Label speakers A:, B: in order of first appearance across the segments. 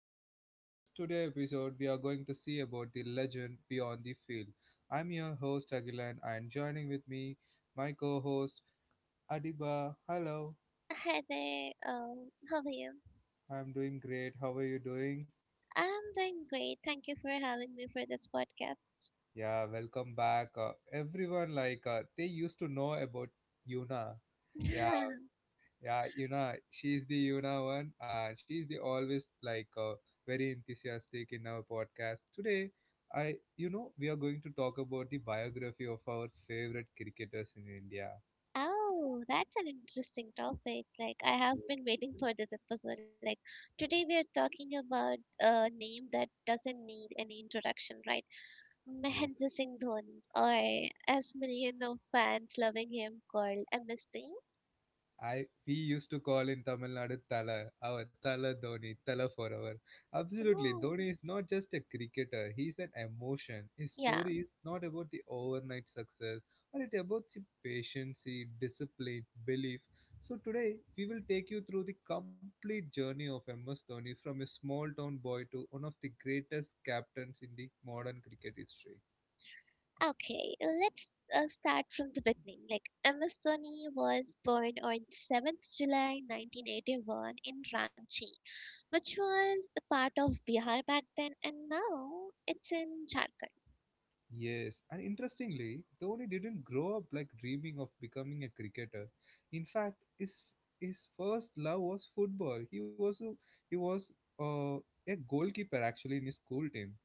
A: of my podcast. Today episode we are going to see about the legend beyond the field. I'm your host Agilan and joining with me my co-host Adiba. Hello, I'm doing great. How are you doing? Yeah, welcome back. Everyone like they used to know about Yuna. Yeah, Yeah, Yuna, she's the Yuna one. She's the always like very enthusiastic in our podcast. Today, we are going to talk about the biography of our favorite cricketers in India. Yes. I we used to call in Tamil Nadu Tala, our Tala Dhoni, Tala forever. Absolutely, Dhoni is not just a cricketer; he's an emotion. His story is not about the overnight success, but it about the patience, the discipline, belief. So today we will take you through the complete journey of MS Dhoni from a small town boy to one of the greatest captains in the modern cricket history. Yes, and interestingly, Dhoni didn't grow up like dreaming of becoming a cricketer. In fact, his first love was football. He was uh, a goalkeeper actually in his school team.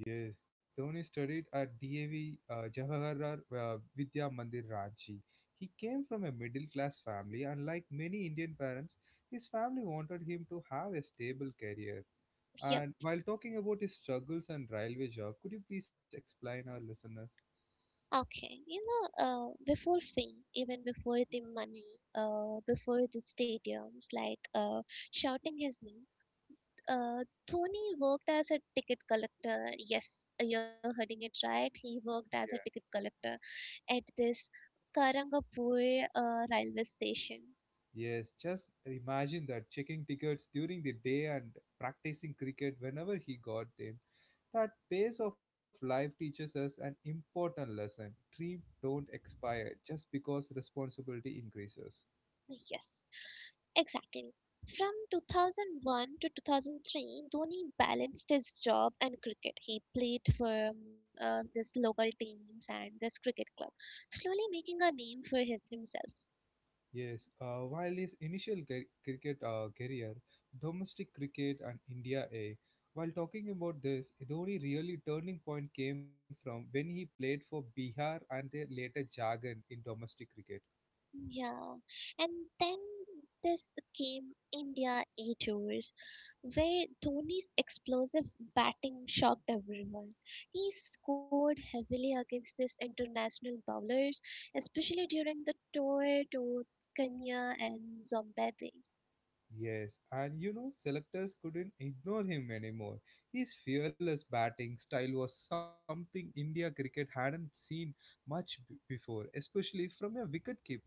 A: Yes, Dhoni studied at DAV Jawaharlal Vidya Mandir Ranchi. He came from a middle class family, and like many Indian parents, his family wanted him to have a stable career. And while talking about his struggles and railway job, could you please explain our listeners? Yeah, Yes, just imagine that checking tickets during the day and practicing cricket whenever he got them. That pace of life teaches us an important lesson. Dreams don't expire just because responsibility increases. Yes, while his cricket career, domestic cricket and India A. While talking about this, the only really turning point came from when he played for Bihar and their later Jharkhand in domestic cricket. Yes, and you know, selectors couldn't ignore him anymore. His fearless batting style was something India cricket hadn't seen much before, especially from a wicketkeeper.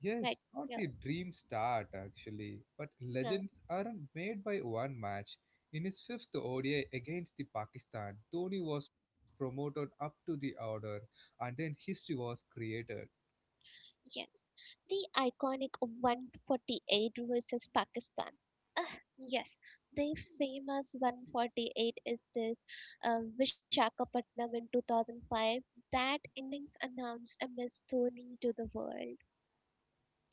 A: Yes, not the dream start actually, but legends aren't made by one match. In his fifth ODI against the Pakistan, Dhoni was promoted up to the order, and then history was created.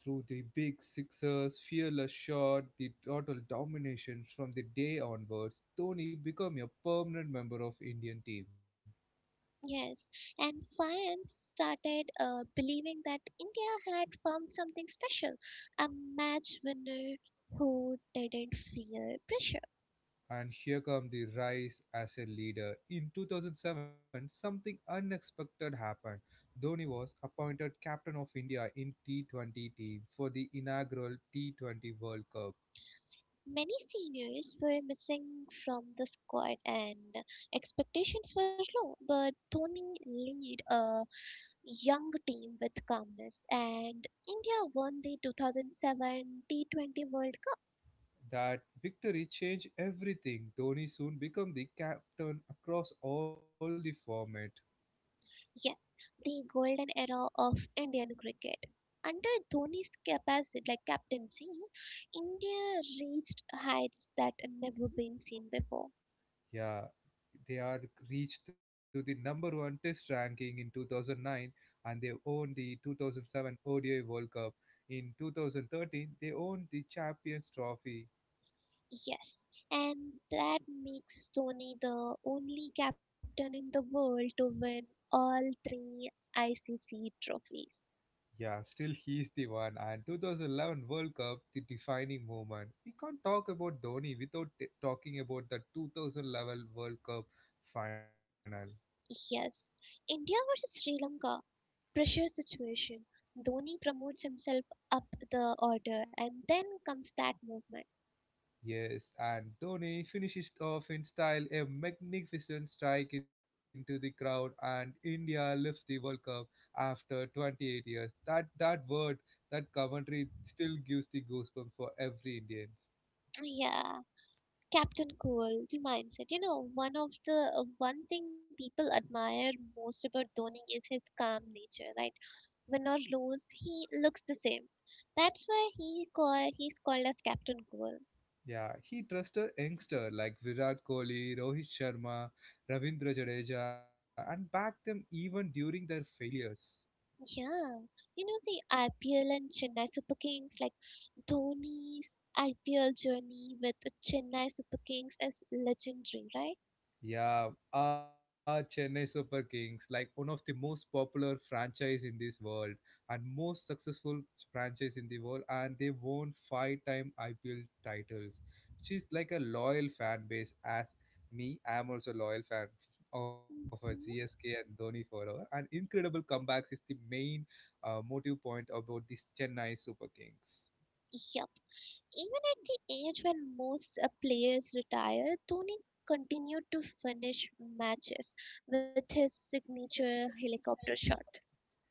A: Through the big sixers, fearless shot, the total domination from the day onwards, Dhoni became a permanent member of Indian team. And here come the rise as a leader. In 2007, something unexpected happened. Dhoni was appointed captain of India in T20 team for the inaugural T20 World Cup. That victory changed everything. Dhoni soon became the captain across all the formats. Yeah, they are reached to the number one test ranking in 2009 and they won the 2007 ODI World Cup. In 2013, they won the Champions Trophy. Yeah, still he is the one. And 2011 World Cup, the defining moment. We can't talk about Dhoni without talking about the 2011 World Cup final. Yes, and Dhoni finishes off in style a magnificent strike into the crowd, and India lifts the World Cup after 28 years. That word, that commentary still gives the goosebumps for every Indian. Yeah, he trusted youngster like Virat Kohli, Rohit Sharma, Ravindra Jadeja, and backed them even during their failures. Yeah, Chennai Super Kings, like one of the most popular franchise in this world and most successful franchise in the world, and they won five-time IPL titles. She's like a loyal fan base. As me, I'm also a loyal fan of CSK and Dhoni forever. And incredible comebacks is the main motive point about this Chennai Super Kings.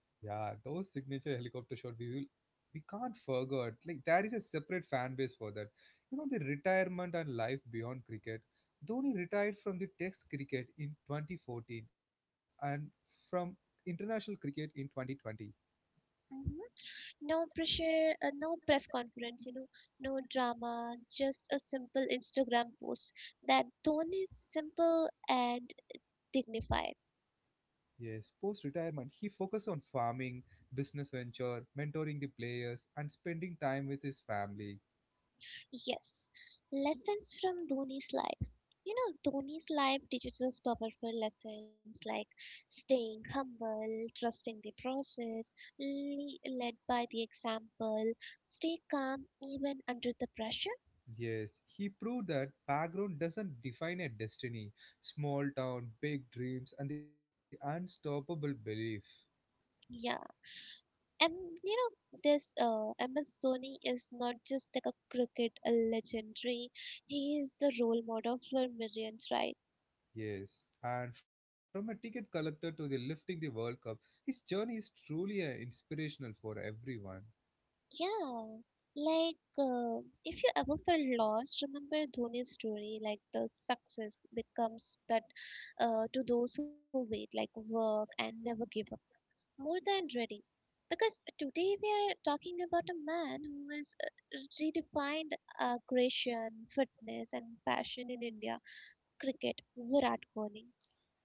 A: Yeah, those signature helicopter shot we can't forget. Like there is a separate fan base for that. You know the retirement and life beyond cricket. Dhoni retired from the Test cricket in 2014 and from international cricket in 2020. Yes, post retirement he focused on farming, business venture, mentoring the players, and spending time with his family. Yes, he proved that background doesn't define a destiny. Small town, big dreams, and the unstoppable belief. Yes, and from a ticket collector to the lifting the World Cup, his journey is truly inspirational for everyone.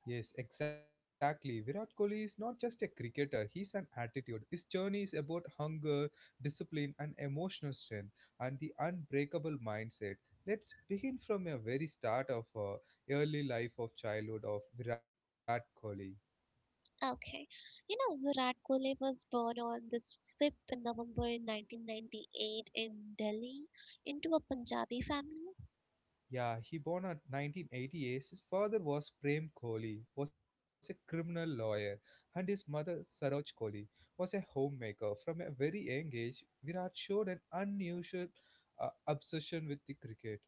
A: Yes, exactly. Virat Kohli is not just a cricketer, he's an attitude. His journey is about hunger, discipline, and emotional strength, and the unbreakable mindset. Let's begin from a very start of early life of childhood of Virat Kohli. Yeah, he born at 1988. His father was Prem Kohli, was a criminal lawyer, and his mother Saroj Kohli was a homemaker. From a very young age, Virat showed an unusual obsession with the cricket.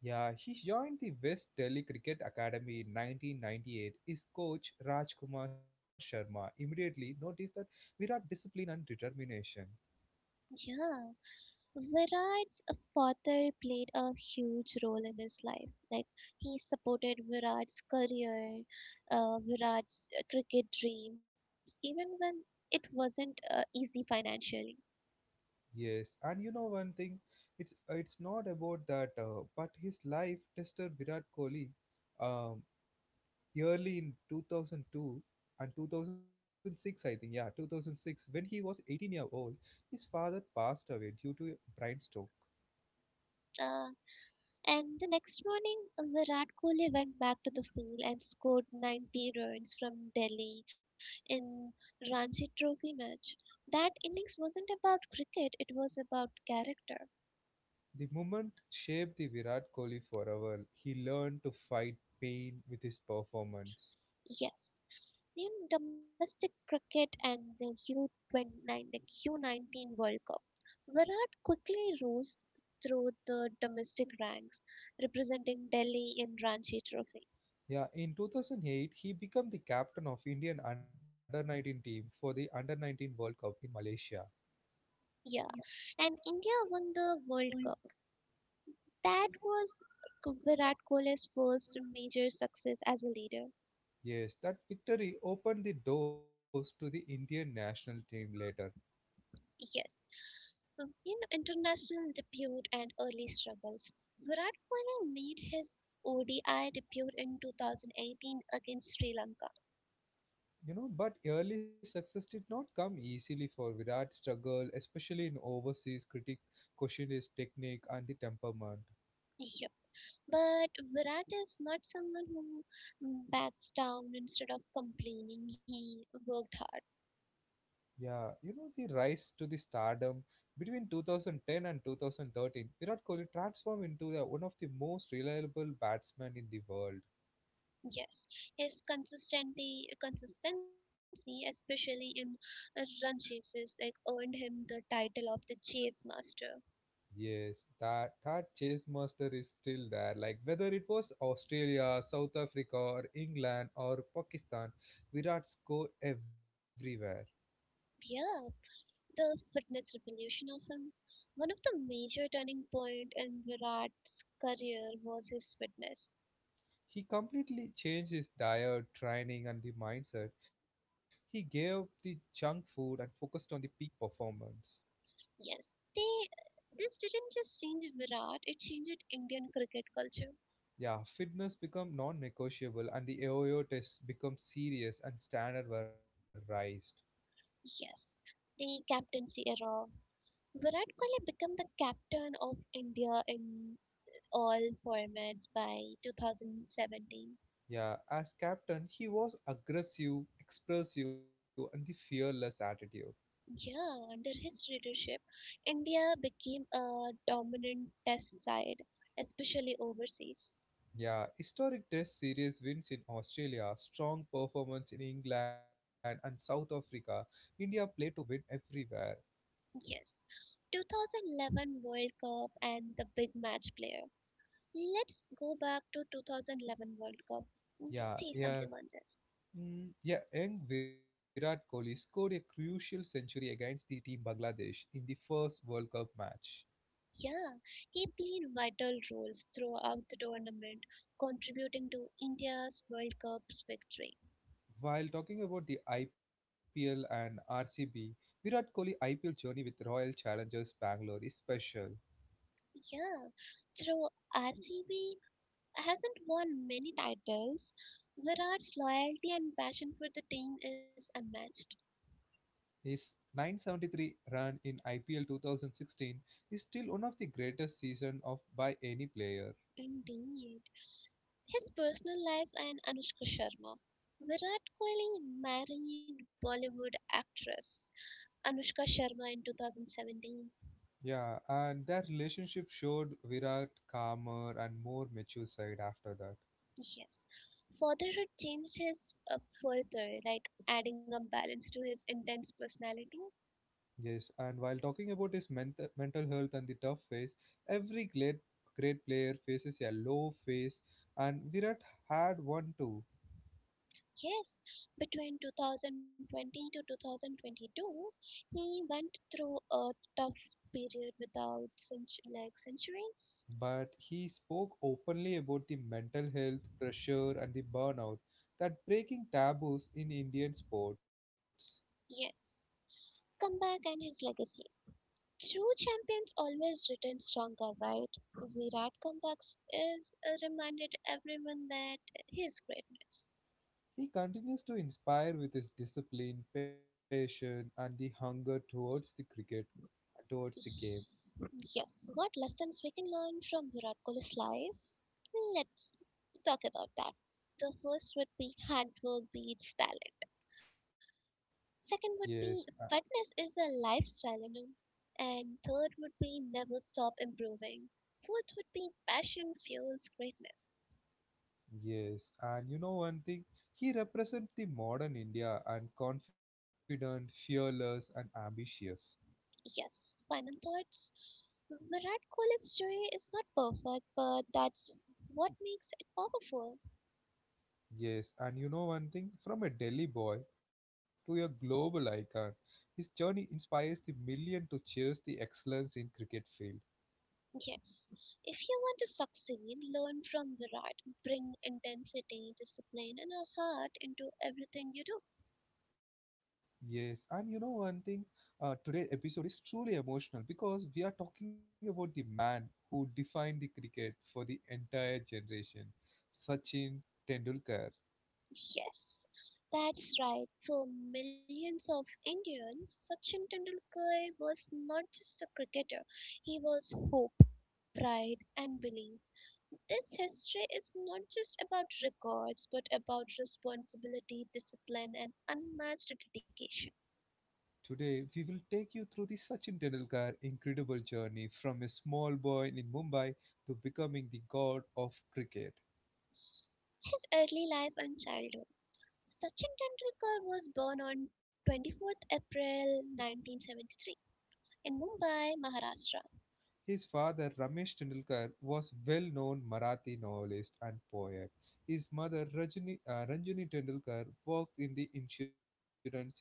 A: Yeah, he joined the West Delhi Cricket Academy in 1998. His coach Rajkumar Sharma immediately noticed that Virat discipline and determination. Yes, and you know one thing, it's not about that, but his life tested Virat Kohli, um, early in 2002 and 2006, I think, yeah, 2006, when he was 18-year-old, his father passed away due to a brain stroke. The moment shaped the Virat Kohli forever. He learned to fight pain with his performance. Yeah, in 2008, he became the captain of Indian under-19 team for the under-19 World Cup in Malaysia. Yes, that victory opened the doors to the Indian national team later. You know, but early success did not come easily for Virat struggle, especially in overseas critic question his technique and the temperament. Yeah, you know the rise to the stardom between 2010 and 2013, Virat Kohli transformed into one of the most reliable batsmen in the world. Yes, that chase master is still there. Like whether it was Australia, South Africa, or England or Pakistan, Virat scored everywhere. He completely changed his diet, training, and the mindset. He gave up the junk food and focused on the peak performance. Yeah, fitness become non-negotiable, and the AOO test become serious, and standard were raised. Yeah, as captain, he was aggressive, expressive, and the fearless attitude. Yeah, historic Test series wins in Australia, strong performance in England and South Africa. India played to win everywhere. Yeah, yeah, yeah. Young Virat Kohli scored a crucial century against the team Bangladesh in the first World Cup match. While talking about the IPL and RCB, Virat Kohli IPL journey with Royal Challengers Bangalore is special. His 973 run in IPL 2016 is still one of the greatest seasons of by any player. Yeah, and their relationship showed Virat calmer and more mature side after that. Yes, and while talking about his mental health and the tough phase, every great player faces a low phase, and Virat had one too. But he spoke openly about the mental health pressure and the burnout that breaking taboos in Indian sports. He continues to inspire with his discipline, passion, and the hunger towards the cricket, towards the game. Yes, uh, yes, and you know one thing, he represents the modern India and confident, fearless, and ambitious. Yes, and you know one thing, from a Delhi boy to a global icon, his journey inspires the million to cherish the excellence in cricket field. Yes, and you know one thing, today's episode is truly emotional because we are talking about the man who defined the cricket for the entire generation, Sachin Tendulkar. Today, we will take you through the Sachin Tendulkar incredible journey from a small boy in Mumbai to becoming the god of cricket. His father Ramesh Tendulkar was well-known Marathi novelist and poet. His mother Ranjini Tendulkar worked in the insurance industry.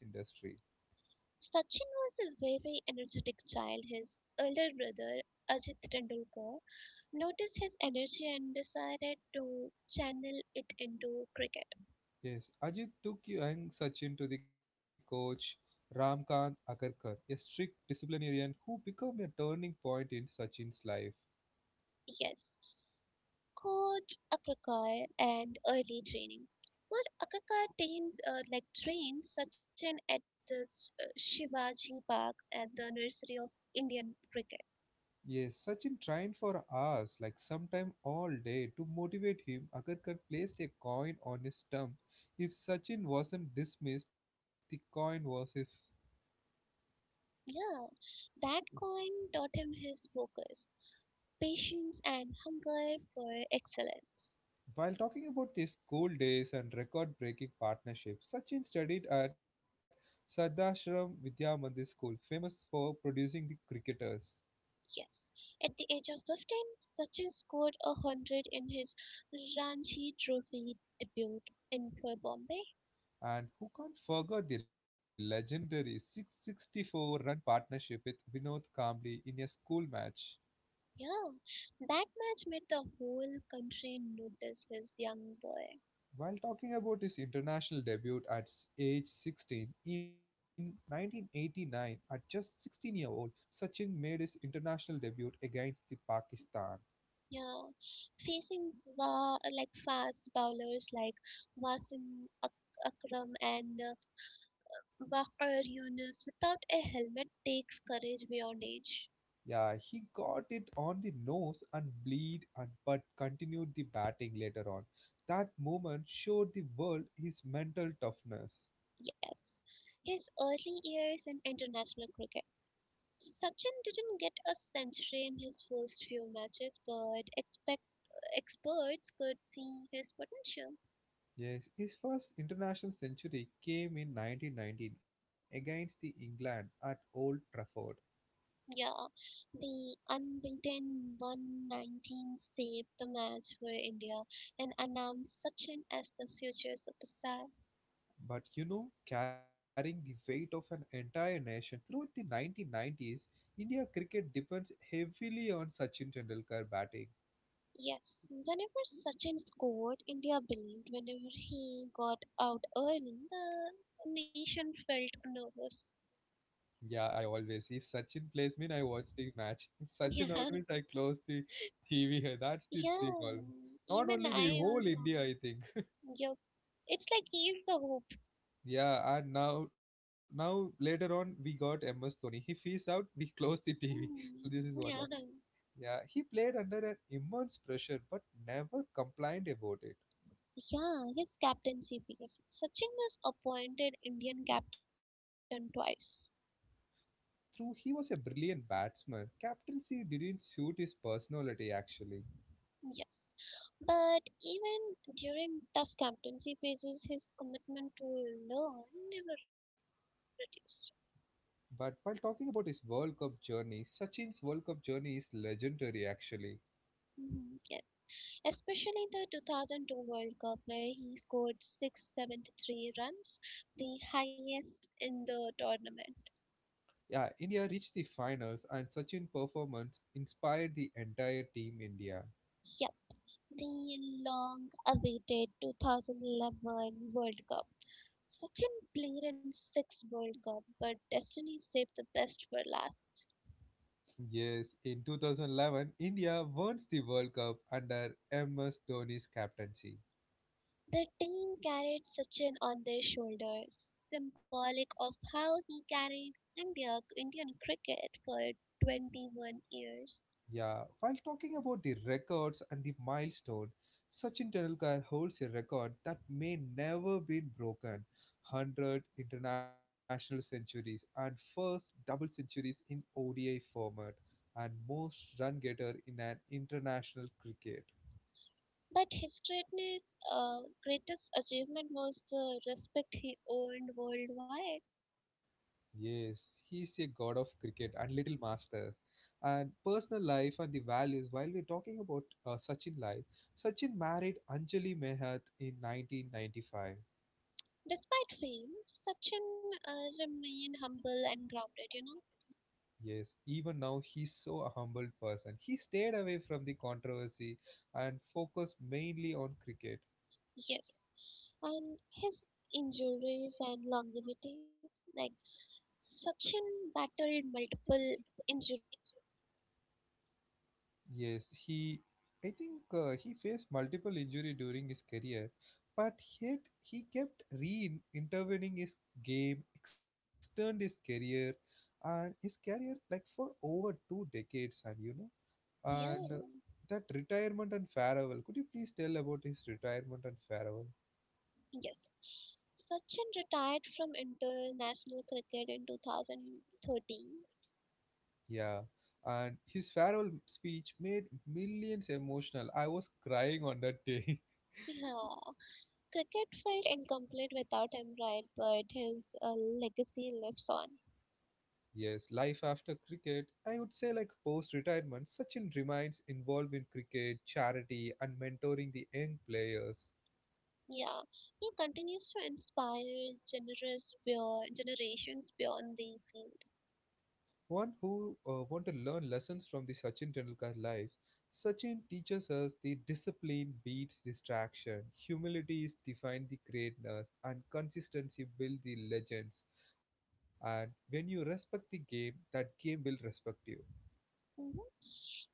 A: Yes, Ajit took young Sachin to the coach Ramkant Akarkar, a strict disciplinarian who became a turning point in Sachin's life. Yes, Sachin trained for hours, like sometime all day, to motivate him. Akarkar placed a coin on his stump. If Sachin wasn't dismissed, the coin was his. While talking about his school days and record breaking partnerships, Sachin studied at Sadashram Vidya Mandir School, famous for producing the cricketers. And who can't forget the legendary 664 run partnership with Vinod Kambli in a school match? While talking about his international debut at age 16 in 1989, at just 16-year-old, Sachin made his international debut against the Pakistan. Yeah, he got it on the nose and bleed and but continued the batting later on. That moment showed the world his mental toughness. Yes, his first international century came in 1919 against the England at Old Trafford. But you know, carrying the weight of an entire nation throughout the 1990s, India cricket depends heavily on Sachin Tendulkar batting. Yeah, I always. If Sachin plays mean I watch the match. If Sachin out means I close the TV. Here. That's the thing. Always. Not only me, whole India, I think. Yeah, and now, now later on, we got MS Dhoni. If he is out, we close the TV. So this is what like. Yeah, he played under an immense pressure, but never complained about it. Through, he was a brilliant batsman. Captaincy didn't suit his personality actually. But while talking about his World Cup journey, Sachin's World Cup journey is legendary actually. Yeah, India reached the finals and Sachin's performance inspired the entire team India. Yes, in 2011, India won the World Cup under MS Dhoni's captaincy. Yeah, while talking about the records and the milestone, Sachin Tendulkar holds a record that may never be broken: 100 international centuries and first double centuries in ODI format, and most run getter in an international cricket. Yes, he's a god of cricket and little master. And personal life and the values, while we're talking about Sachin life, Sachin married Anjali Mehat in 1995. Yes, even now he's so a humble person. He stayed away from the controversy and focused mainly on cricket. Yes, he, I think he faced multiple injury during his career, but yet he kept re-intervening his game, extend his career, and his career like for over two decades. And you know, and
B: Yeah,
A: That retirement and farewell. Could you please tell about his retirement and farewell?
B: yes. Sachin retired from international cricket in 2013.
A: Yeah, and his farewell speech made millions emotional. I was crying on that day.
B: Yeah. Cricket felt incomplete without him, right? But his legacy lives on.
A: Yes, life after cricket, I would say like post retirement, Sachin remains involved in cricket, charity, and mentoring the young players.
B: Yeah, he continues to inspire generations beyond the field.
A: One who want to learn lessons from the Sachin Tendulkar life, Sachin teaches us the discipline beats distraction, humility is defined the greatness, and consistency build the legends. And when you respect the game, that game will respect you.
B: Mhm.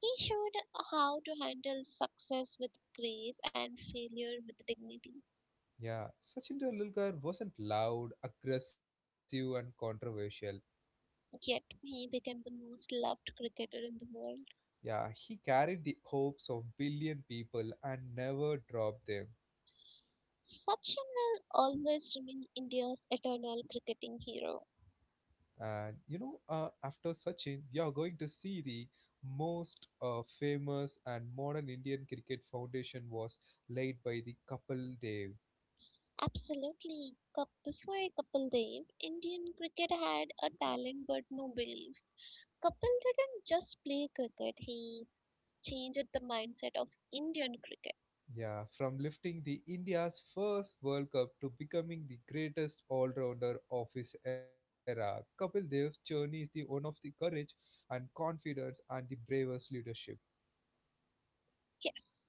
B: He showed how to handle success with grace and failure with dignity.
A: Yeah, Sachin Tendulkar wasn't loud, aggressive, and controversial.
B: Yet he became the most loved cricketer in the world.
A: Yeah, he carried the hopes of billion people and never dropped them.
B: Sachin will always remain India's eternal cricketing hero.
A: And you know, after Sachin, you're going to see the most famous and modern Indian cricket foundation was laid by the Kapil Dev.
B: Absolutely. Cup before Kapil Dev, Indian cricket had a talent but no belief. Kapil didn't just play cricket, he changed the mindset of Indian cricket.
A: Yeah, from lifting the India's first World Cup to becoming the greatest all-rounder of his era, Kapil Dev's journey is the one of the courage and confidence and the bravest leadership.
B: Yes.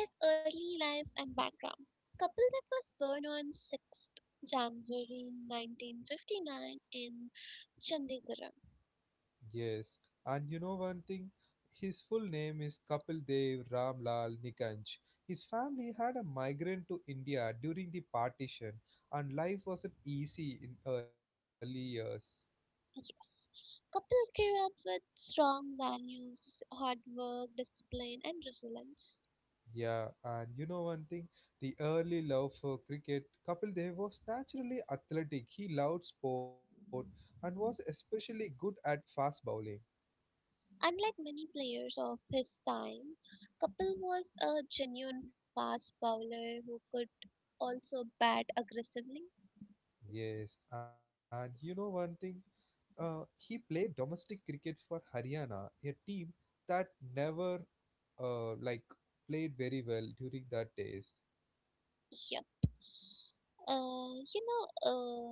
B: His early life and background. Kapil Dev was born on 6th January 1959 in Chandigarh.
A: Yes, and you know one thing? His full name is Kapil Dev Ramlal Nikanj. His family had a migrant to India during the partition, and life wasn't easy in early years.
B: Yes. Couple grew up with strong values, hard work, discipline, and resilience.
A: Yeah, and you know one thing? The early love for cricket, Kapil Dev was naturally athletic. He loved sport and was especially good at fast bowling.
B: Unlike many players of his time, Kapil was a genuine fast bowler who could also bat aggressively.
A: Yes, and you know one thing? He played domestic cricket for Haryana, a team that never uh, like played very well during that days.
B: Yep. Uh, you know,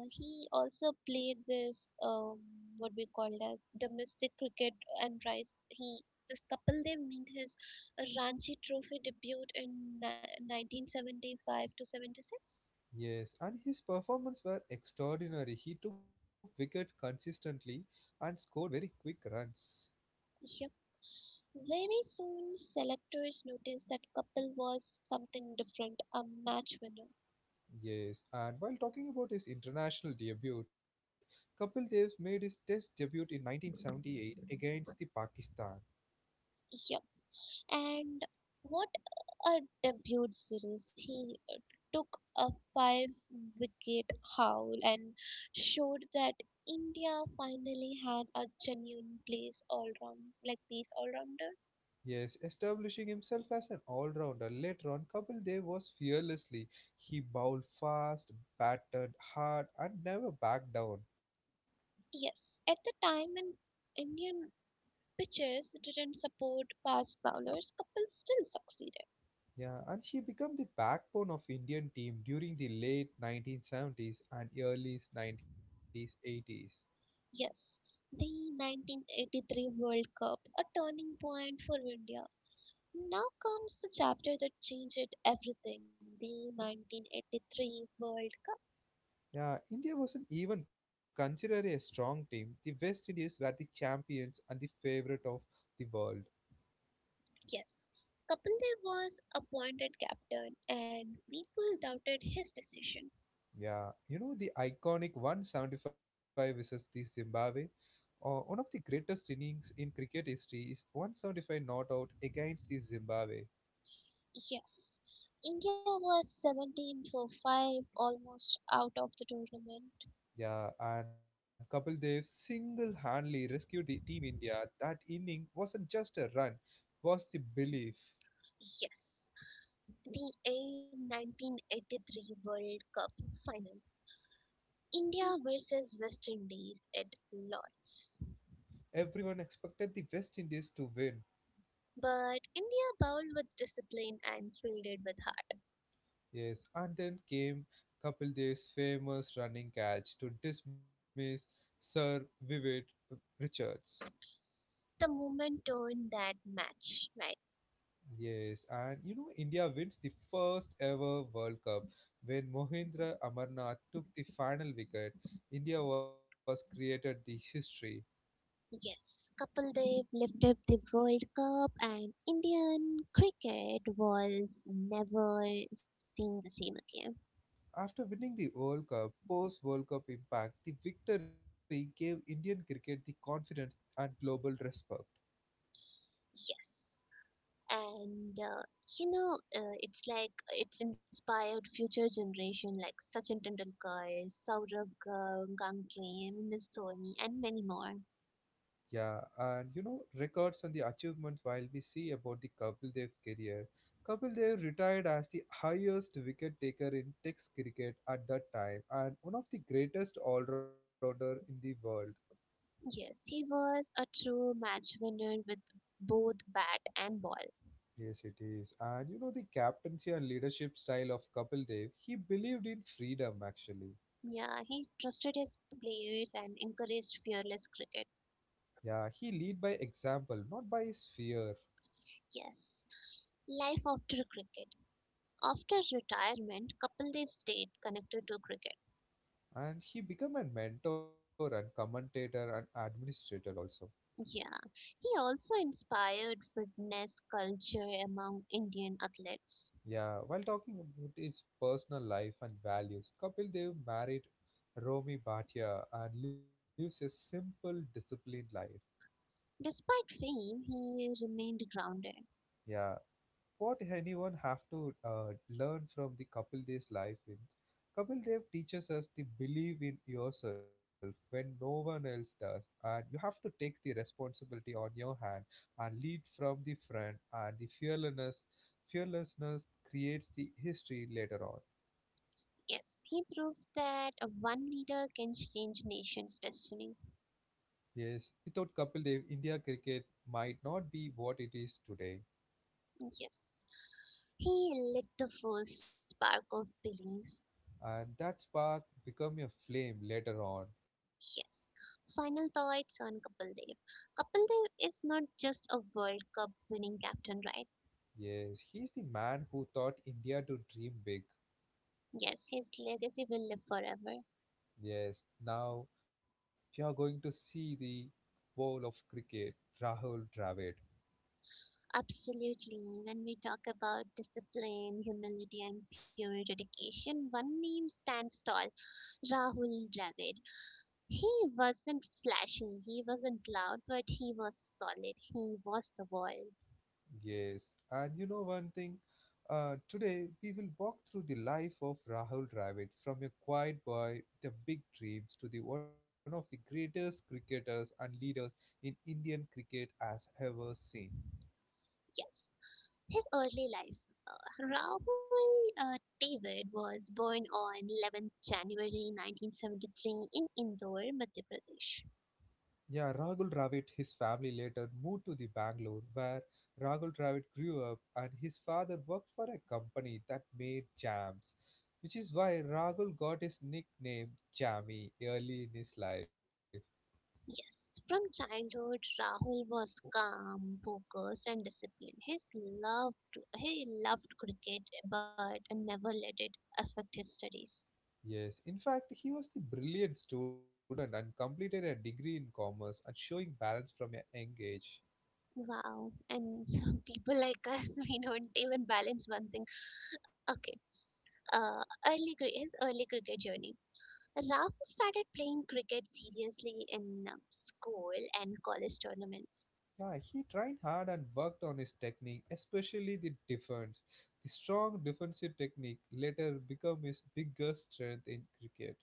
B: uh, He also played this what we called as domestic cricket and rice. He this couple they made his Ranchi Trophy debut in 1975 to 76.
A: Yes, and his performance were extraordinary. He took wickets consistently and scored very quick runs.
B: Yep. Very soon, selectors noticed that couple was something different, a match winner.
A: Yes, and while talking about his international debut, Kapil Dev made his test debut in 1978 against the Pakistan.
B: Yep. And what a debut series. He took a five wicket haul and showed that India finally had a genuine place all round like pace all rounder.
A: Yes, establishing himself as an all-rounder. Later on, Kapil Dev was fearlessly. He bowled fast, batted hard, and never backed down.
B: Yes, at the time in Indian pitches didn't support fast bowlers, Kapil still succeeded.
A: Yeah, and he became the backbone of Indian team during the late 1970s and early 1980s.
B: Yes, the 1983 World Cup, a turning point for India. Now comes the chapter that changed everything, the 1983 World.
A: Yeah, India wasn't even considered a strong team. The West Indies were the champions and the favorite of the world.
B: Yes, Kapildev was appointed captain and people doubted his decision.
A: Yeah, you know the iconic 175 versus the Zimbabwe. One of the greatest innings in cricket history is 175 not out against the Zimbabwe.
B: Yes, India was 17 for 5, almost out of the tournament.
A: Yeah, and Kapil Dev single-handedly rescued the team India. That inning wasn't just a run, it was the belief.
B: Yes, the A 1983 World Cup final. India versus West Indies at Lords.
A: Everyone expected the West Indies to win.
B: But India bowled with discipline and fielded with
A: Yes, and then came Kapil Dev's famous running catch to dismiss Sir Vivid Richards.
B: heart. The moment turned that match, right?
A: Yes, and you know, India wins the first ever World Cup when Mohindra Amarnath took the final wicket. India was created the history.
B: Yes, Kapildev lifted the World Cup and Indian cricket was never seen the same again.
A: After winning the World Cup, post World Cup impact, the victory gave Indian cricket the confidence and global respect.
B: Yes. And it's like it's inspired future generation like Sachin Tendulkar, Ganguly, MS Dhoni, and many more.
A: Yeah, and you know, records on the achievements, while we see about the Kapil Dev career. Kapil Dev retired as the highest wicket taker in Test cricket at that time and one of the greatest all-rounder in the world.
B: Yes, he was a true match winner with both bat and ball.
A: Yes, it is. And you know, the captaincy and leadership style of Kapil Dev, he believed in freedom actually.
B: Yeah, he trusted his players and encouraged fearless cricket.
A: Yeah, he lead by example, not by his fear.
B: Yes. Life after cricket. After retirement, Kapildev stayed connected to cricket.
A: And he became a mentor and commentator and administrator also.
B: Yeah, he also inspired fitness culture among Indian athletes.
A: Yeah, while talking about his personal life and values, Kapil Dev married Romi Bhatia and lives a simple, disciplined life.
B: Despite fame, he remained grounded.
A: Yeah, what anyone have to learn from the Kapil Dev's life is Kapil Dev teaches us to believe in yourself when no one else does, and you have to take the responsibility on your hand and lead from the front. And the fearlessness, creates the history later on.
B: Yes, he proved that one leader can change nation's destiny.
A: Yes, without Kapil Dev, India cricket might not be what it is today,
B: Yes, he lit the first spark of belief.
A: and that spark become a flame later on.
B: Yes, final thoughts on Kapil Dev. Kapildev is not just a World Cup winning captain, right?
A: Yes, he's the man who taught India to dream big.
B: Yes, his legacy will live forever.
A: Yes, now we are going to see the wall of cricket, Rahul Dravid.
B: Absolutely. When we talk about discipline, humility, and pure dedication, one name stands tall, Rahul Dravid. He wasn't flashy, he wasn't loud, but he was solid. He was the world.
A: Yes, and you know one thing? Today we will walk through the life of Rahul Dravid from a quiet boy, with the big dreams, to the one of the greatest cricketers and leaders in Indian cricket as ever seen.
B: Yes. His early life. Rahul David was born on 11th January 1973 in Indore, Madhya Pradesh.
A: Yeah, Rahul Dravid, his family later moved to the Bangalore where Rahul Dravid grew up and his father worked for a company that made jams, which is why Rahul got his nickname Jammy early in his life.
B: Yes, from childhood, Rahul was calm, focused, and disciplined. His loved he loved cricket, but never let it affect his studies.
A: Yes, in fact, he was the brilliant student and completed a degree in commerce and showing balance from a young age.
B: Wow, and some people like us, we don't even balance one thing. Okay, his early cricket journey. Rahul started playing cricket seriously in school and college tournaments.
A: Yeah, he tried hard and worked on his technique, especially the defense. The strong defensive technique later became his biggest strength in cricket.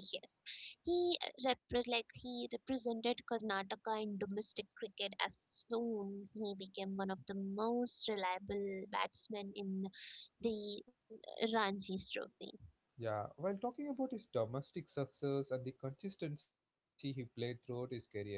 B: Yes, he represented Karnataka in domestic cricket as soon he became one of the most reliable batsmen in the Ranji's Trophy.
A: Yeah, while talking about his domestic success and the consistency he played throughout his career,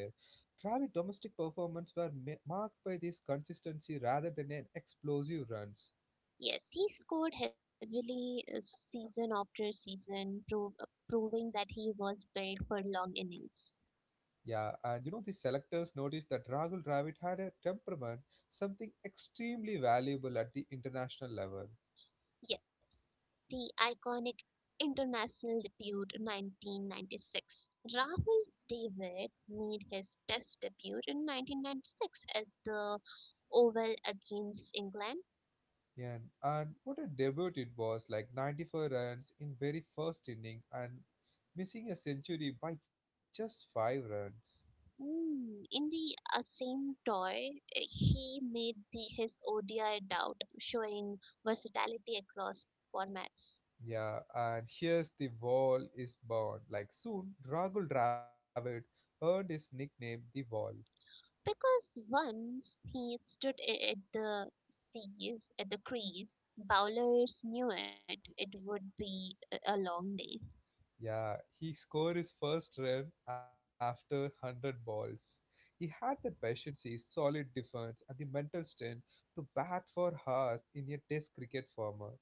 A: Dravid's domestic performance were marked by this consistency rather than an explosive runs.
B: Yes, he scored heavily season after season, proving that he was built for long innings.
A: Yeah, and you know, the selectors noticed that Rahul Dravid had a temperament, something extremely valuable at the international level.
B: Yes, the iconic international debut 1996. Rahul David made his test debut in 1996 at the Oval against England.
A: Yeah, and what a debut it was, like 94 runs in very first inning and missing a century by just 5 runs.
B: In the same tour, he made his ODI debut, showing versatility across formats.
A: Yeah, and here's the wall is born. Like soon, Rahul Dravid earned his nickname the wall.
B: Because once he at at the crease, bowlers knew it, it would be a long day.
A: Yeah, he scored his first run after 100 balls. He had that patience, his solid defense, and the mental strength to bat for hours in a test cricket format.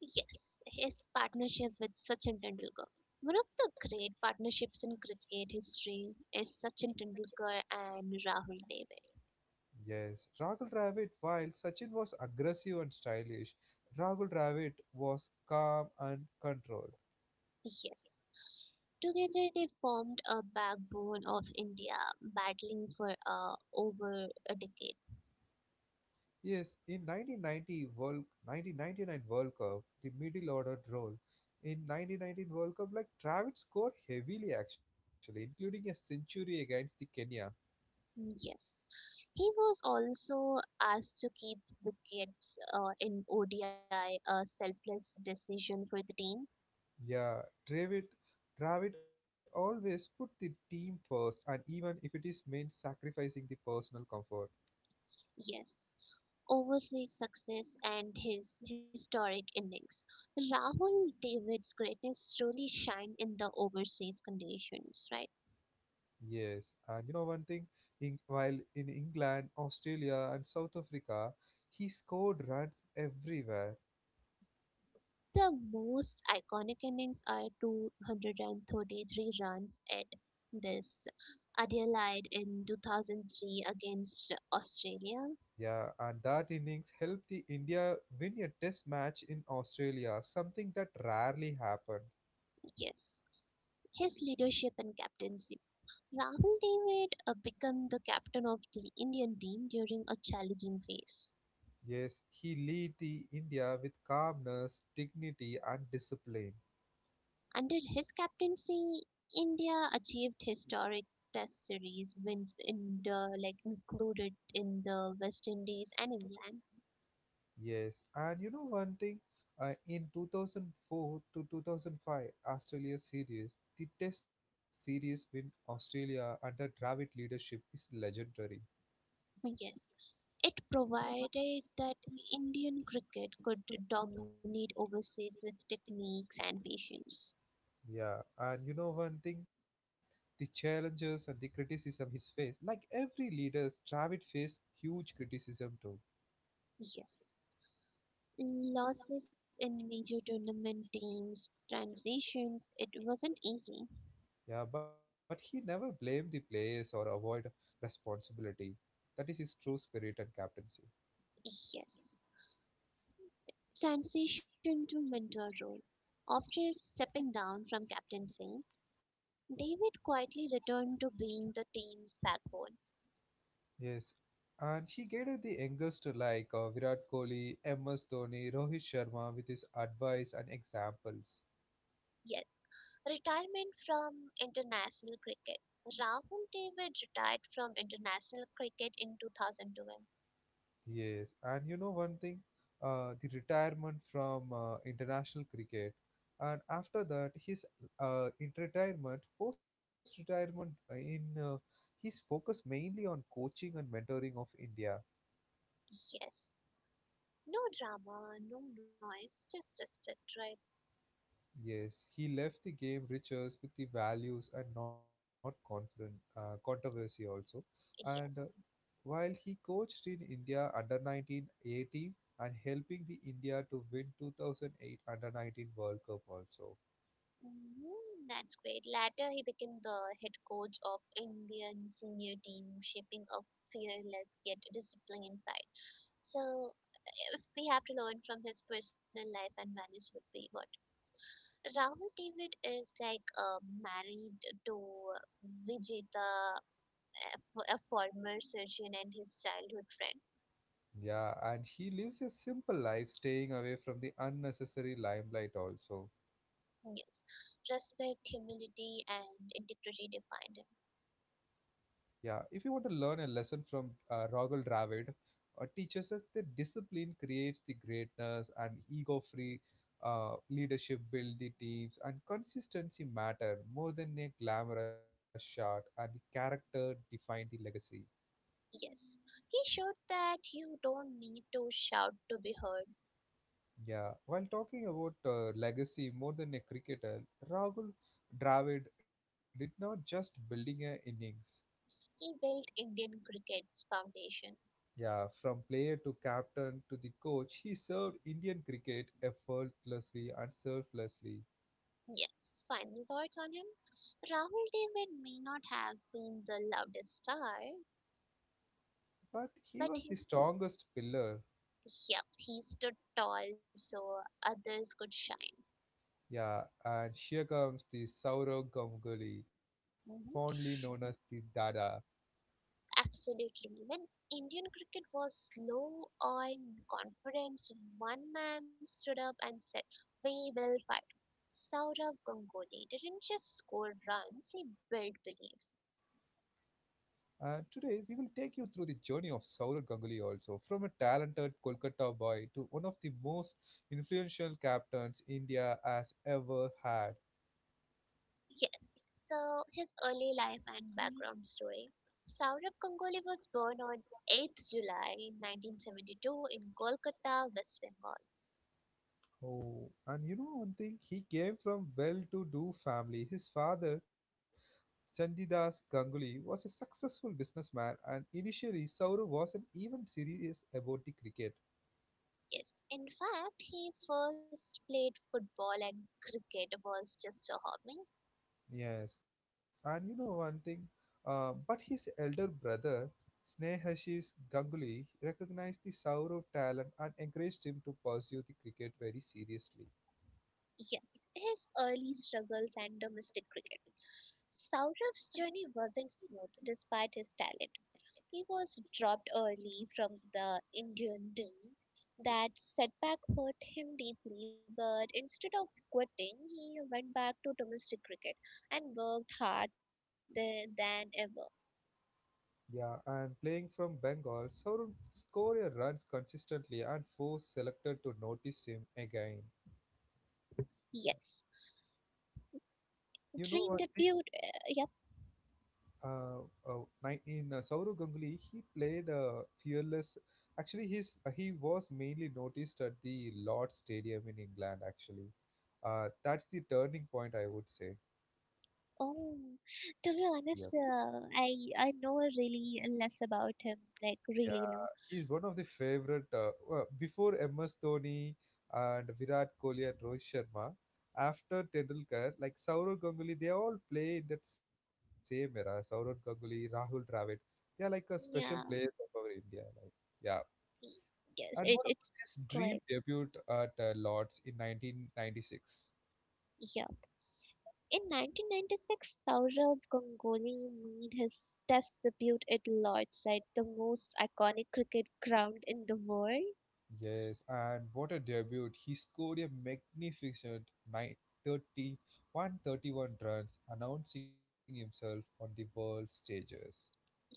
B: Yes, his partnership with Sachin Tendulkar. One of the great partnerships in cricket history is Sachin Tendulkar and Rahul David.
A: Yes, Rahul Dravid, while Sachin was aggressive and stylish, Rahul Dravid was calm and controlled.
B: Yes. Together they formed a backbone of India, battling for over a decade.
A: Yes, in 1990 World, 1999 World Cup, the middle order role, in 1919 World Cup, like Dravid scored heavily actually, including a century against the Kenya.
B: Yes. He was also asked to keep wickets in ODI, a selfless decision for the team.
A: Yeah, Dravid, Dravid always put the team first, and even if it is meant sacrificing the personal comfort.
B: Yes. Overseas success and his historic innings. Rahul David's greatness truly shined in the overseas conditions, right?
A: Yes, and you know one thing, in, while in England, Australia, and South Africa, he scored runs everywhere.
B: The most iconic innings are 233 runs at this Adelaide in 2003 against Australia.
A: Yeah, and that innings helped the India win a test match in Australia, something that rarely happened.
B: Yes. His leadership and captaincy. Rahul David became the captain of the Indian team during a challenging phase.
A: Yes, he lead the India with calmness, dignity, and discipline.
B: Under his captaincy, India achieved historic Test series wins in the like included in the West Indies and England.
A: Yes, and you know one thing, in 2004 to 2005 Australia series, the Test series win Australia under Dravid leadership is legendary.
B: Yes, it provided that Indian cricket could dominate overseas with techniques and patience.
A: Yeah, and you know one thing, the challenges and the criticism he's faced, like every leader, Dravid faced huge criticism too.
B: Yes. Losses in major tournament teams, transitions, it wasn't easy.
A: Yeah, but he never blamed the players or avoid responsibility. That is his true spirit and captaincy.
B: Yes. Transition to mentor role. After stepping down from captaincy, David quietly returned to being the team's backbone.
A: Yes, and he guided the youngster like Virat Kohli, MS Dhoni, Rohit Sharma with his advice and examples.
B: Yes. Retirement from international cricket. Rahul David retired from international cricket in 2012.
A: Yes, and you know one thing, the retirement from international cricket, and after that his post-retirement in he's focused mainly on coaching and mentoring of India.
B: Yes. No drama, no noise, just respect, right?
A: Yes, he left the game richer with the values and not confront, controversy also. And
B: Yes.
A: While he coached in India under 1980 and helping the India to win 2008 under 19 World Cup also.
B: Mhm. That's great. Later, he became the head coach of Indian senior team, shaping a fearless yet disciplined side. So, if we have to learn from his personal life and values, would be what. Rahul David is like married to Vijeta, a former surgeon and his childhood friend.
A: Yeah, and he lives a simple life, staying away from the unnecessary limelight also.
B: Yes, respect, humility, and integrity defined him.
A: Yeah, if you want to learn a lesson from Rogel Dravid, teaches us that discipline creates the greatness and ego-free leadership build the teams and consistency matter more than a glamorous shot and the character define the legacy.
B: Yes, he showed that you don't need to shout to be heard.
A: Yeah, while talking about legacy more than a cricketer, Rahul Dravid did not just building a innings.
B: He built Indian cricket's foundation.
A: Yeah, from player to captain to the coach, he served Indian cricket effortlessly and selflessly.
B: Yes, final thoughts on him? Rahul David may not have been the loudest star,
A: But he
B: but
A: was
B: he,
A: the strongest pillar.
B: yep, he stood tall so others could shine.
A: Yeah, and here comes the Saurav Ganguly, fondly
B: Mhm.
A: known as the Dada.
B: Absolutely. When Indian cricket was low on confidence, one man stood up and said, we will fight. Saurav Ganguly didn't just score runs, he built belief.
A: And today we will take you through the journey of Saurav Ganguly also, from a talented Kolkata boy to one of the most influential captains India has ever had.
B: Yes. So, his early life and background story. Saurav Ganguly was born on 8th July 1972 in Kolkata, West Bengal.
A: Oh, and you know one thing? He came from well-to-do family. His father, Chandidas Ganguly, was a successful businessman, and initially Saurav wasn't even serious about the cricket.
B: Yes. In fact, he first played football and cricket was just a hobby.
A: Yes, and you know one thing? But his elder brother, Snehashish Ganguly, recognized the Saurav talent and encouraged him to pursue the cricket very seriously.
B: Yes, his early struggles and domestic cricket. Saurav's journey wasn't smooth despite his talent. He was dropped early from the Indian team. That setback hurt him deeply, but instead of quitting, he went back to domestic cricket and worked hard than ever.
A: Yeah, and playing from Bengal, Saurabh scored a runs consistently and forced selector to notice him again.
B: Yes,
A: You know
B: dream
A: what? The,
B: debut. Yep.
A: uh, nine- in Saurav Ganguly, he played fearless. Actually, his he was mainly noticed at the Lord Stadium in England. Actually, that's the turning point I would say.
B: Oh, to
A: Yeah.
B: be honest, I know really less about him, like really
A: Yeah,
B: low.
A: he's one of the favorite. Well, before MS Dhoni and Virat Kohli and Rohit Sharma, after Tendulkar, like Saurav Ganguly, they all play in that same era. Saurav Ganguly, Rahul Dravid, they are like a special
B: Yeah.
A: players of our India. Like, yeah.
B: Yes,
A: And what about
B: it's
A: his dream
B: quite,
A: debut at Lords in 1996?
B: yeah. In 1996, Saurabh Ganguly made his test debut at Lord's, right, the most iconic cricket ground in the world.
A: Yes, and what a debut! He scored a magnificent nine thirty one thirty one runs, announcing himself on the world stages.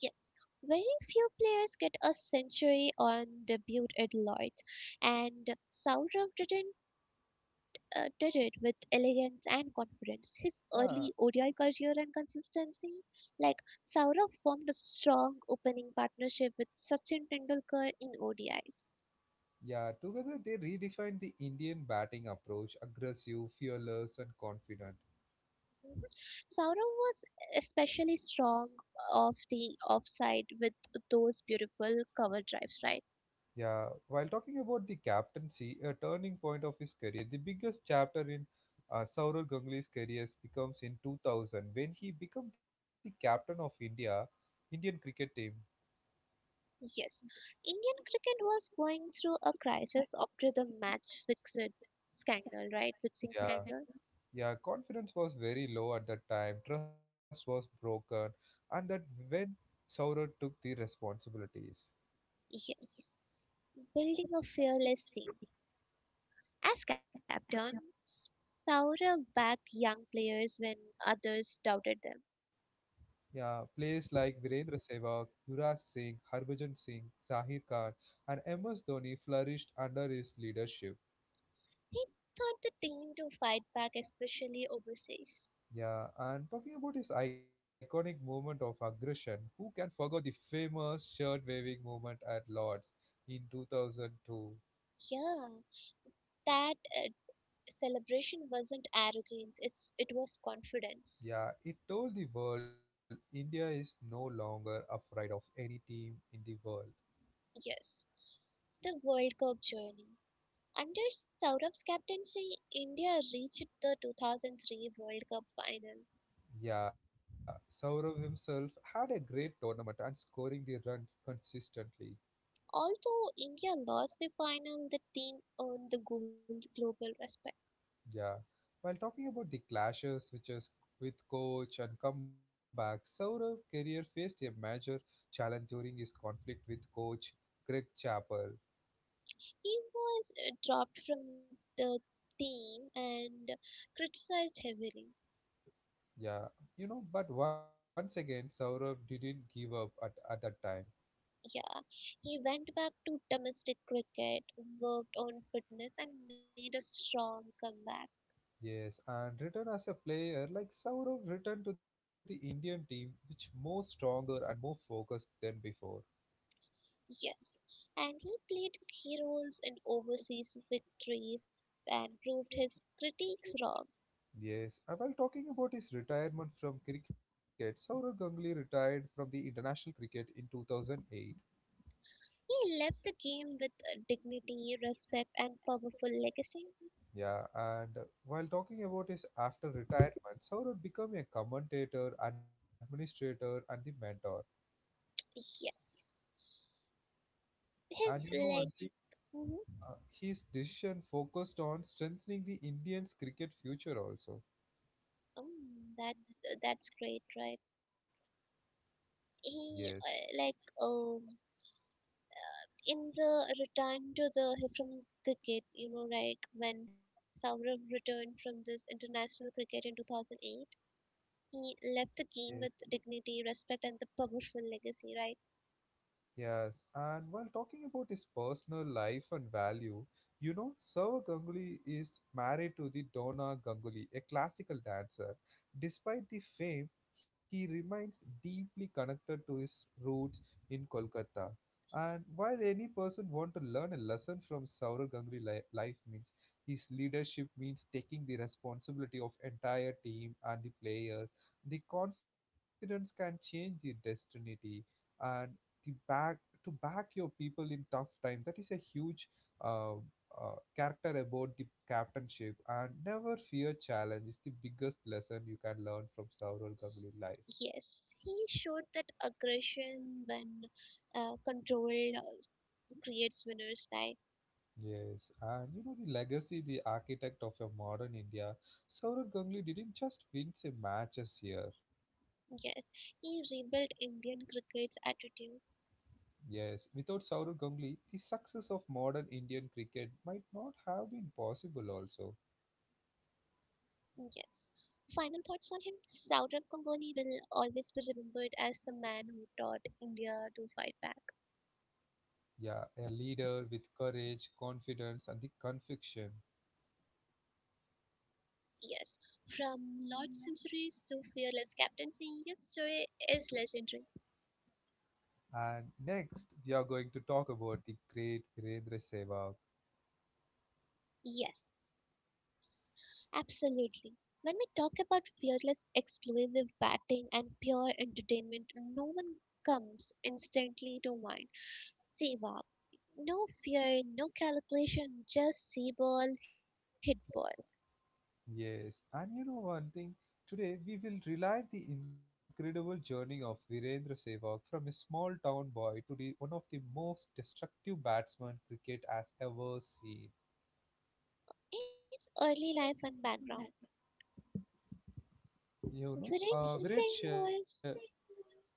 B: Yes, very few players get a century on debut at Lloyd's, and Sourav didn't did it with elegance and confidence. His early
A: Yeah,
B: ODI career and consistency, like Sourav formed a strong opening partnership with Sachin Tendulkar in ODIs.
A: yeah, together they redefined the Indian batting approach aggressive, fearless, and confident.
B: Mhm. Sourav was especially strong off the offside with those beautiful cover drives, right?
A: Yeah, while talking about the captaincy, a turning point of his career, the biggest chapter in Saurav Ganguly's career becomes in 2000 when he became the captain of Indian cricket team.
B: Yes, Indian cricket was going through a crisis after the match fixed scandal, right? Fixing
A: Yeah,
B: scandal.
A: yeah, confidence was very low at that time, trust was broken, and that when Saurabh took the responsibilities.
B: Yes, building a fearless team. As captain, Saurabh backed young players when others doubted them.
A: Yeah, players like Virendra Sehwag, Yuvraj Singh, Harbhajan Singh, Sahir Khan, and MS Dhoni flourished under his leadership.
B: He taught the team to fight back, especially overseas.
A: Yeah, and talking about his iconic moment of aggression, who can forget the famous shirt waving moment at Lords in 2002?
B: Yeah, that celebration wasn't arrogance; it was confidence.
A: Yeah, it told the world India is no longer afraid of any team in the world.
B: Yes, the World Cup journey. Under Saurav's captaincy, India reached the 2003 World Cup final.
A: Yeah, Saurav himself had a great tournament and scoring the runs consistently.
B: Although India lost the final, the team earned the gold global respect.
A: Yeah. While talking about the clashes which is with coach and comeback, Saurav's career faced a major challenge during his conflict with coach Greg Chappell.
B: He was dropped from the team and criticized heavily.
A: Yeah, you know, but once again, Saurav didn't give up at that time.
B: Yeah, he went back to domestic cricket, worked on fitness, and made a strong comeback.
A: Yes, and return as a player, like Saurav returned to the Indian team, which more stronger and more focused than before.
B: Yes, and he played key roles in overseas victories and proved his critics wrong.
A: Yes, and while talking about his retirement from cricket, Saurav Ganguly retired from the international cricket in 2008.
B: He left the game with dignity, respect, and powerful legacy.
A: Yeah, and while talking about his after retirement, Saurav became a commentator, administrator, and the mentor.
B: Yes, his
A: And you know,
B: like,
A: one thing,
B: mhm,
A: uh, his decision focused on strengthening the Indians' cricket future also.
B: mm, that's great, right?
A: Yes.
B: He like in the return to the from cricket, you know, like when Saurav returned from this international cricket in 2008, he left the game with
A: Yes.
B: dignity, respect, and the powerful legacy, right?
A: Yes, and while talking about his personal life and value, you know, Saurav Ganguly is married to the Dona Ganguly, a classical dancer. Despite the fame, he remains deeply connected to his roots in Kolkata. And while any person want to learn a lesson from Saurav Ganguly life means his leadership means taking the responsibility of entire team and the players. The confidence can change the destiny and the back to back your people in tough time that is a huge character about the captainship and never fear challenge is the biggest lesson you can learn from Saurav Ganguly life.
B: Yes, he showed that aggression when controlled creates winners like
A: Yes, and you know the legacy, the architect of a modern India, Saurav Ganguly didn't just win some matches here.
B: yes. He rebuilt Indian cricket's attitude.
A: Yes, without Saurav Ganguly the success of modern Indian cricket might not have been possible also.
B: Yes. Final thoughts on him? Saurabh Ganguly will always be remembered as the man who taught India to fight back.
A: Yeah, a leader with courage, confidence, and the conviction.
B: Yes. From large centuries to fearless captaincy, his story is legendary.
A: And next, we are going to talk about the great Virendra Sehwag.
B: Yes, absolutely. When we talk about fearless, explosive batting and pure entertainment, no one comes instantly to mind. Seawalk. No fear, no calculation, just see ball, hit ball.
A: Yes, and you know one thing, today we will relive the incredible journey of Virendra Sehwag from a small town boy to the one of the most destructive batsmen cricket has ever seen.
B: It's early life and background.
A: You know,
B: Viren's
A: uh,
B: Singh
A: Virendra,
B: was,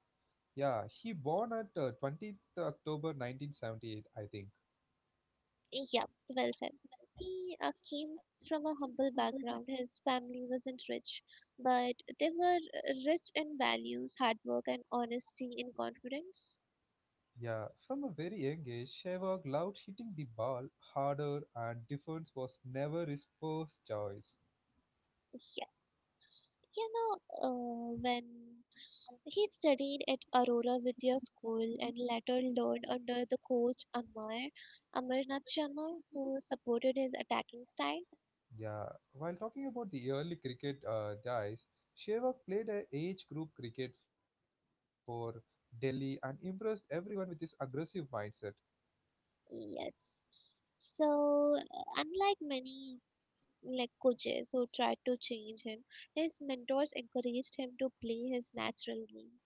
A: yeah, he born at October 20th 1978, I think.
B: yep, well said. He came from a humble background. His family wasn't rich, but they were rich in values, hard work, and honesty and confidence.
A: Yeah, from a very young age, Sehwag loved hitting the ball harder and defense was never his first choice.
B: Yes. You know, when he studied at Aurora Vidya School and later learned under the coach Amarnath Sharma, who supported his attacking style.
A: Yeah, while talking about the early cricket days, Sehwag played a age group cricket for Delhi and impressed everyone with his aggressive mindset.
B: Yes. So, unlike many like coaches who tried to change him, his mentors encouraged him to play his natural game.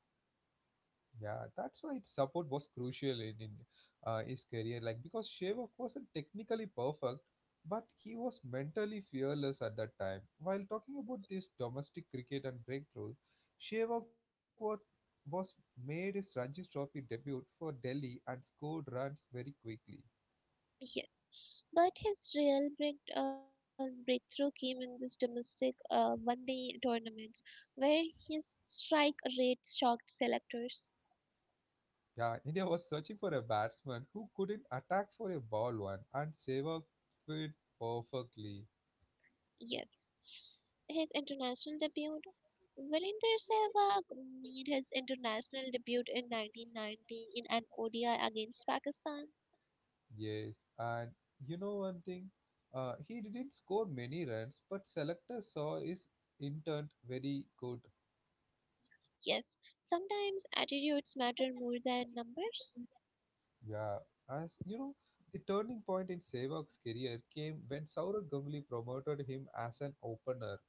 A: Yeah, that's why its support was crucial in his career. Like because Shevak wasn't technically perfect, but he was mentally fearless at that time. While talking about this domestic cricket and breakthrough, Shevak was made his Ranji Trophy debut for Delhi and scored runs very quickly.
B: Yes, but his real breakthrough came in this domestic one-day tournaments, where his strike rate shocked selectors.
A: Yeah, India was searching for a batsman who couldn't attack for a ball one, and Sehwag fit perfectly.
B: Yes, his international debut. Virender Sehwag made his international debut in 1990 in an ODI against Pakistan.
A: Yes, and you know one thing? He didn't score many runs, but selectors saw his intent very good.
B: Yes, sometimes attitudes matter more than numbers.
A: Yeah, as you know, the turning point in Sehwag's career came when Saurav Ganguly promoted him as an opener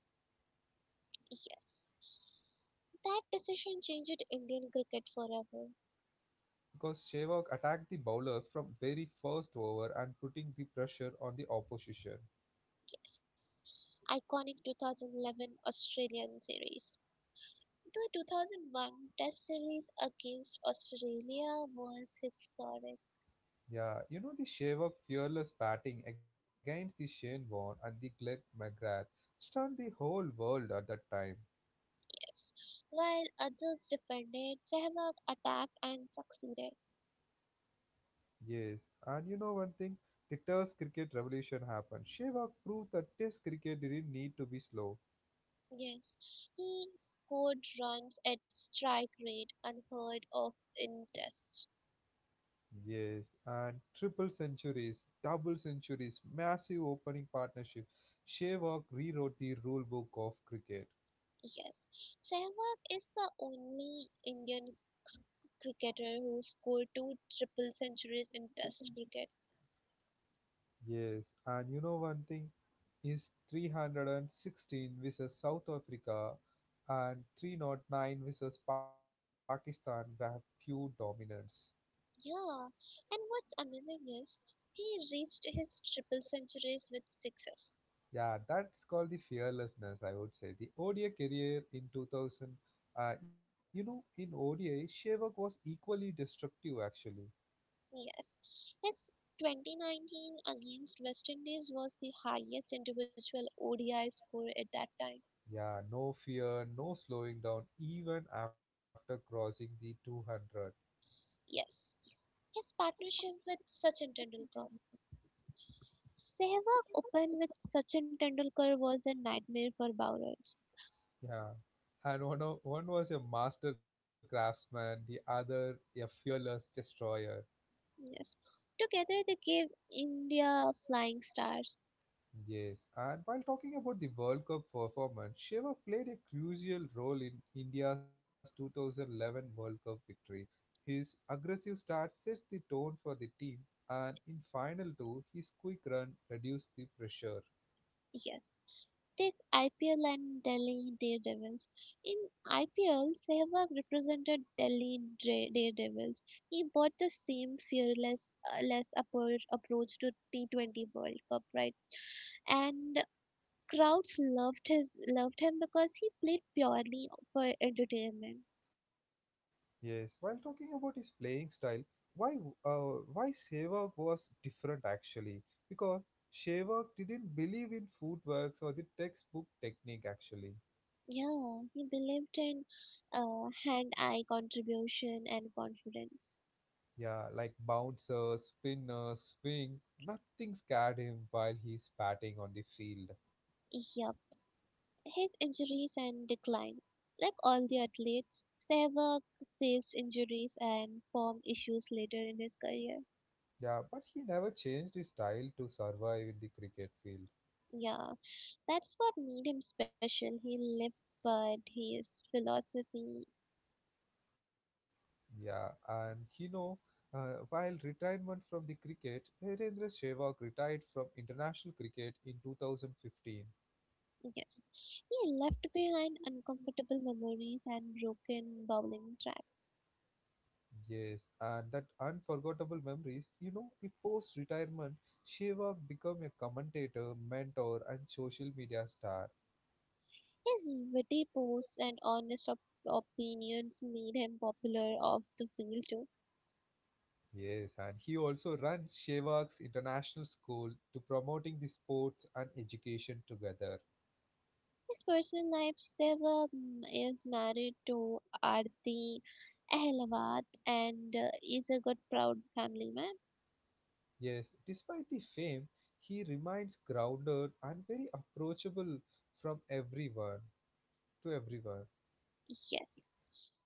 B: Yes, that decision changed Indian cricket forever.
A: because Sehwag attacked the bowler from very first over and putting the pressure on the opposition.
B: Yes, iconic 2011 Australian series. The 2001 Test series against Australia was historic.
A: Yeah, you know the Sehwag fearless batting against the Shane Warne and the Glenn McGrath stunned the whole world at that time.
B: Yes. While others defended, Sehwag attacked and succeeded.
A: Yes, and you know one thing? The Test cricket revolution happened. Shevak proved that Test cricket didn't need to be slow.
B: Yes. He scored runs at strike rate unheard of in Tests.
A: Yes, and triple centuries, double centuries, massive opening partnership. Shevak rewrote the rule book of cricket.
B: Yes. Sehwag is the only Indian s- cricketer who scored two triple centuries in Test cricket.
A: Yes, and you know one thing? His 316 versus South Africa and 309 versus Pakistan were pure dominance.
B: Yeah. And what's amazing is he reached his triple centuries with success.
A: Yeah, that's called the fearlessness, I would say. The ODI career in 2000, you know, in ODI, Shevak was equally destructive, actually.
B: Yes. His 2019 against West Indies was the highest individual ODI score at that time.
A: Yeah, no fear, no slowing down, even after crossing the 200.
B: Yes. His partnership with Sachin Tendulkar. Sehwag open with Sachin Tendulkar was a nightmare for bowlers.
A: Yeah, and one was a master craftsman, the other a fearless destroyer.
B: Yes. Together they gave India flying stars.
A: Yes, and while talking about the World Cup performance, Shiva played a crucial role in India's 2011 World Cup victory. His aggressive start sets the tone for the team, and in final two, his quick run reduced the pressure.
B: Yes. Is IPL and Delhi Daredevils. In IPL, Sehwag represented Daredevils. He brought the same fearless approach to T20 World Cup, right? And crowds loved him because he played purely for entertainment.
A: Yes, while talking about his playing style, why why Shiva was different actually? Because Shiva didn't believe in footwork or the textbook technique actually.
B: Yeah, he believed in hand-eye contribution and confidence.
A: Yeah, like bounce, spin, swing. Nothing scared him while he's batting on the field.
B: Yep. His injuries and decline. Like all the athletes, Sehwag faced injuries and form issues later in his career.
A: Yeah, but he never changed his style to survive in the cricket field.
B: Yeah, that's what made him special. He lived, but his philosophy,
A: Yeah, and you know, while retirement from the cricket, Virendra Sehwag retired from international cricket in 2015.
B: yes. He left behind uncomfortable memories and broken bowling tracks.
A: Yes, and that unforgettable memories, you know, the post retirement, Sehwag became a commentator, mentor, and social media star.
B: His witty posts and honest opinions made him popular off the field too.
A: Yes, and he also runs Shevaks International School to promoting the sports and education together.
B: His personal life, have several is married to Aarti Ahilawat and is a good proud family man.
A: Yes, despite the fame, he remains grounded and very approachable from everyone to everyone.
B: Yes.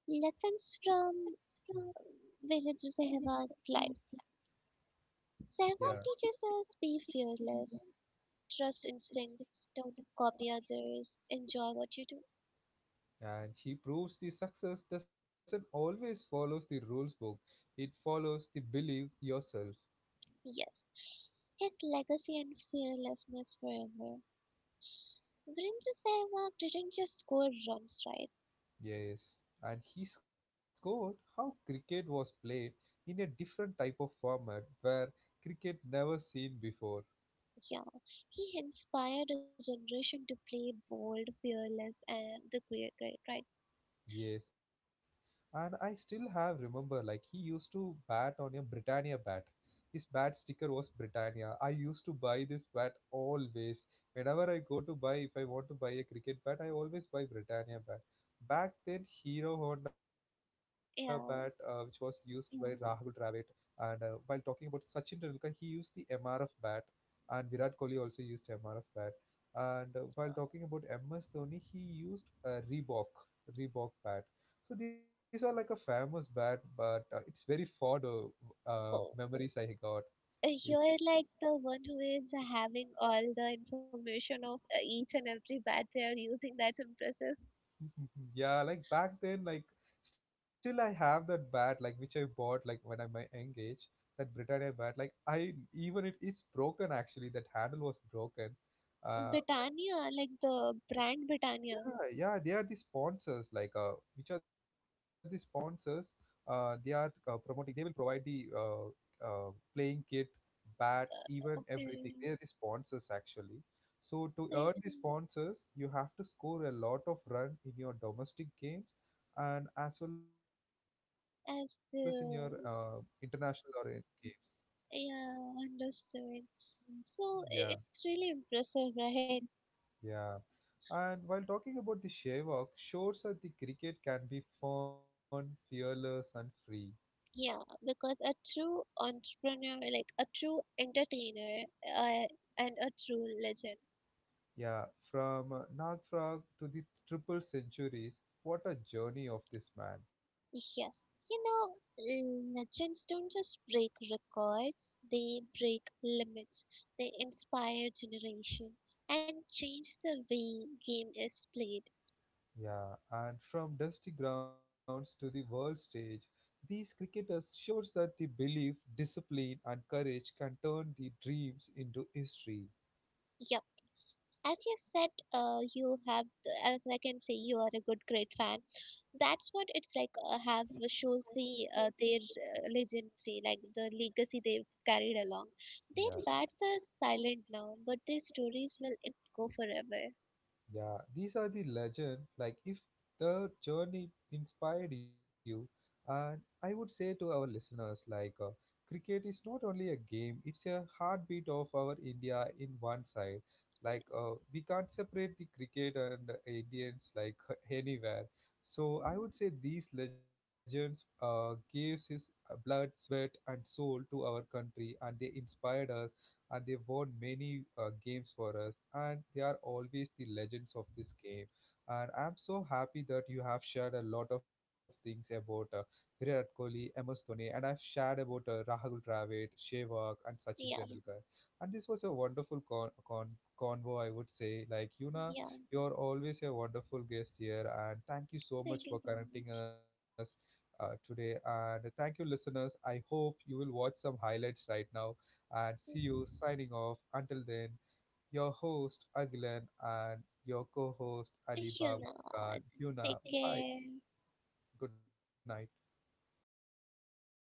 B: Lessons from uh, village Sehwag life. Sehwag
A: Yeah,
B: teaches us be fearless, trust instincts, don't copy others, enjoy what you do.
A: and he proves the success doesn't always follows the rules book. It follows the believe yourself.
B: Yes. His legacy and fearlessness forever. Virendra Sehwag didn't just score runs, right?
A: Yes, and he scored how cricket was played in a different type of format where cricket never seen before.
B: Yeah, he inspired a generation to play bold, fearless, and the great, great, right?
A: Yes. And I still have remember like he used to bat on a Britannia bat. His bat sticker was Britannia. I used to buy this bat always. Whenever I go to buy, if I want to buy a cricket bat, I always buy Britannia bat. Back then, Hero Honda bat, which was used
B: Yeah.
A: by Rahul Dravid, and while talking about Sachin Tendulkar, he used the MRF bat, and Virat Kohli also used MRF bat. And while talking about MS Dhoni, he used Reebok bat. So these are like a famous bat, but it's very fond
B: Oh,
A: memories I got. Yes.
B: you're like the one who is having all the information of each and every bat they are using. That's impressive.
A: Yeah, like back then, like still I have that bat, like which I bought like when I'm my young age. That Britannia bat, like I even it's broken actually. That handle was broken. Uh,
B: Britannia, like the brand Britannia.
A: yeah, yeah, they are the sponsors like which are the sponsors, they are promoting, they will provide the uh, playing kit, bat, even everything,
B: Okay,
A: they are the sponsors actually. So to
B: I
A: earn the
B: see.
A: sponsors you have to score a lot of run in your domestic games and as well as in your
B: As
A: international or in
B: the
A: games.
B: yeah, understood. So
A: Yeah,
B: it's really impressive, right?
A: yeah, and while talking about the Sehwag, shows that the cricket can be fun, fearless, and free.
B: Yeah, because a true entrepreneur, like a true entertainer, uh, and a true legend.
A: Yeah, from Nag Frog to the triple centuries, what a journey of this man.
B: Yes, you know, legends don't just break records, they break limits, they inspire generation and change the way game is played.
A: Yeah, and from dusty grounds to the world stage, these cricketers shows that the belief, discipline and courage can turn the dreams into history.
B: Yep. As you said, as I can say, you are a good, great fan. That's what it's like. Have shows the their legacy, like the legacy they've carried along. Their
A: Yeah.
B: bats are silent now, but their stories will echo forever.
A: Yeah, these are the legend. Like, if the journey inspired you, and I would say to our listeners, like, cricket is not only a game, it's a heartbeat of our India in one side. Like,
B: Yes.
A: we can't separate the cricket and the Indians, like, anywhere. So, I
B: Hmm.
A: would say these legends gives his blood, sweat, and soul to our country, and they inspired us and they won many games for us and they are always the legends of this game, and I'm so happy that you have shared a lot of things about Virat Kohli, MS Dhoni, and I've shared about Rahul Dravid, Sehwag and Sachin
B: Yeah.
A: Tendulkar, and this was a wonderful convo I would say, like you know,
B: Yeah.
A: you're always a wonderful guest here, and thank you so much
B: Thank you
A: for
B: so
A: connecting
B: much.
A: us today, and thank you listeners, I hope you will watch some highlights right now and see
B: Mhm.
A: you signing off. Until then, your host Agilan and your co host
B: You
A: Adiba
B: know,
A: Muskan. Yuna,
B: take
A: bye.
B: care.
A: Good night.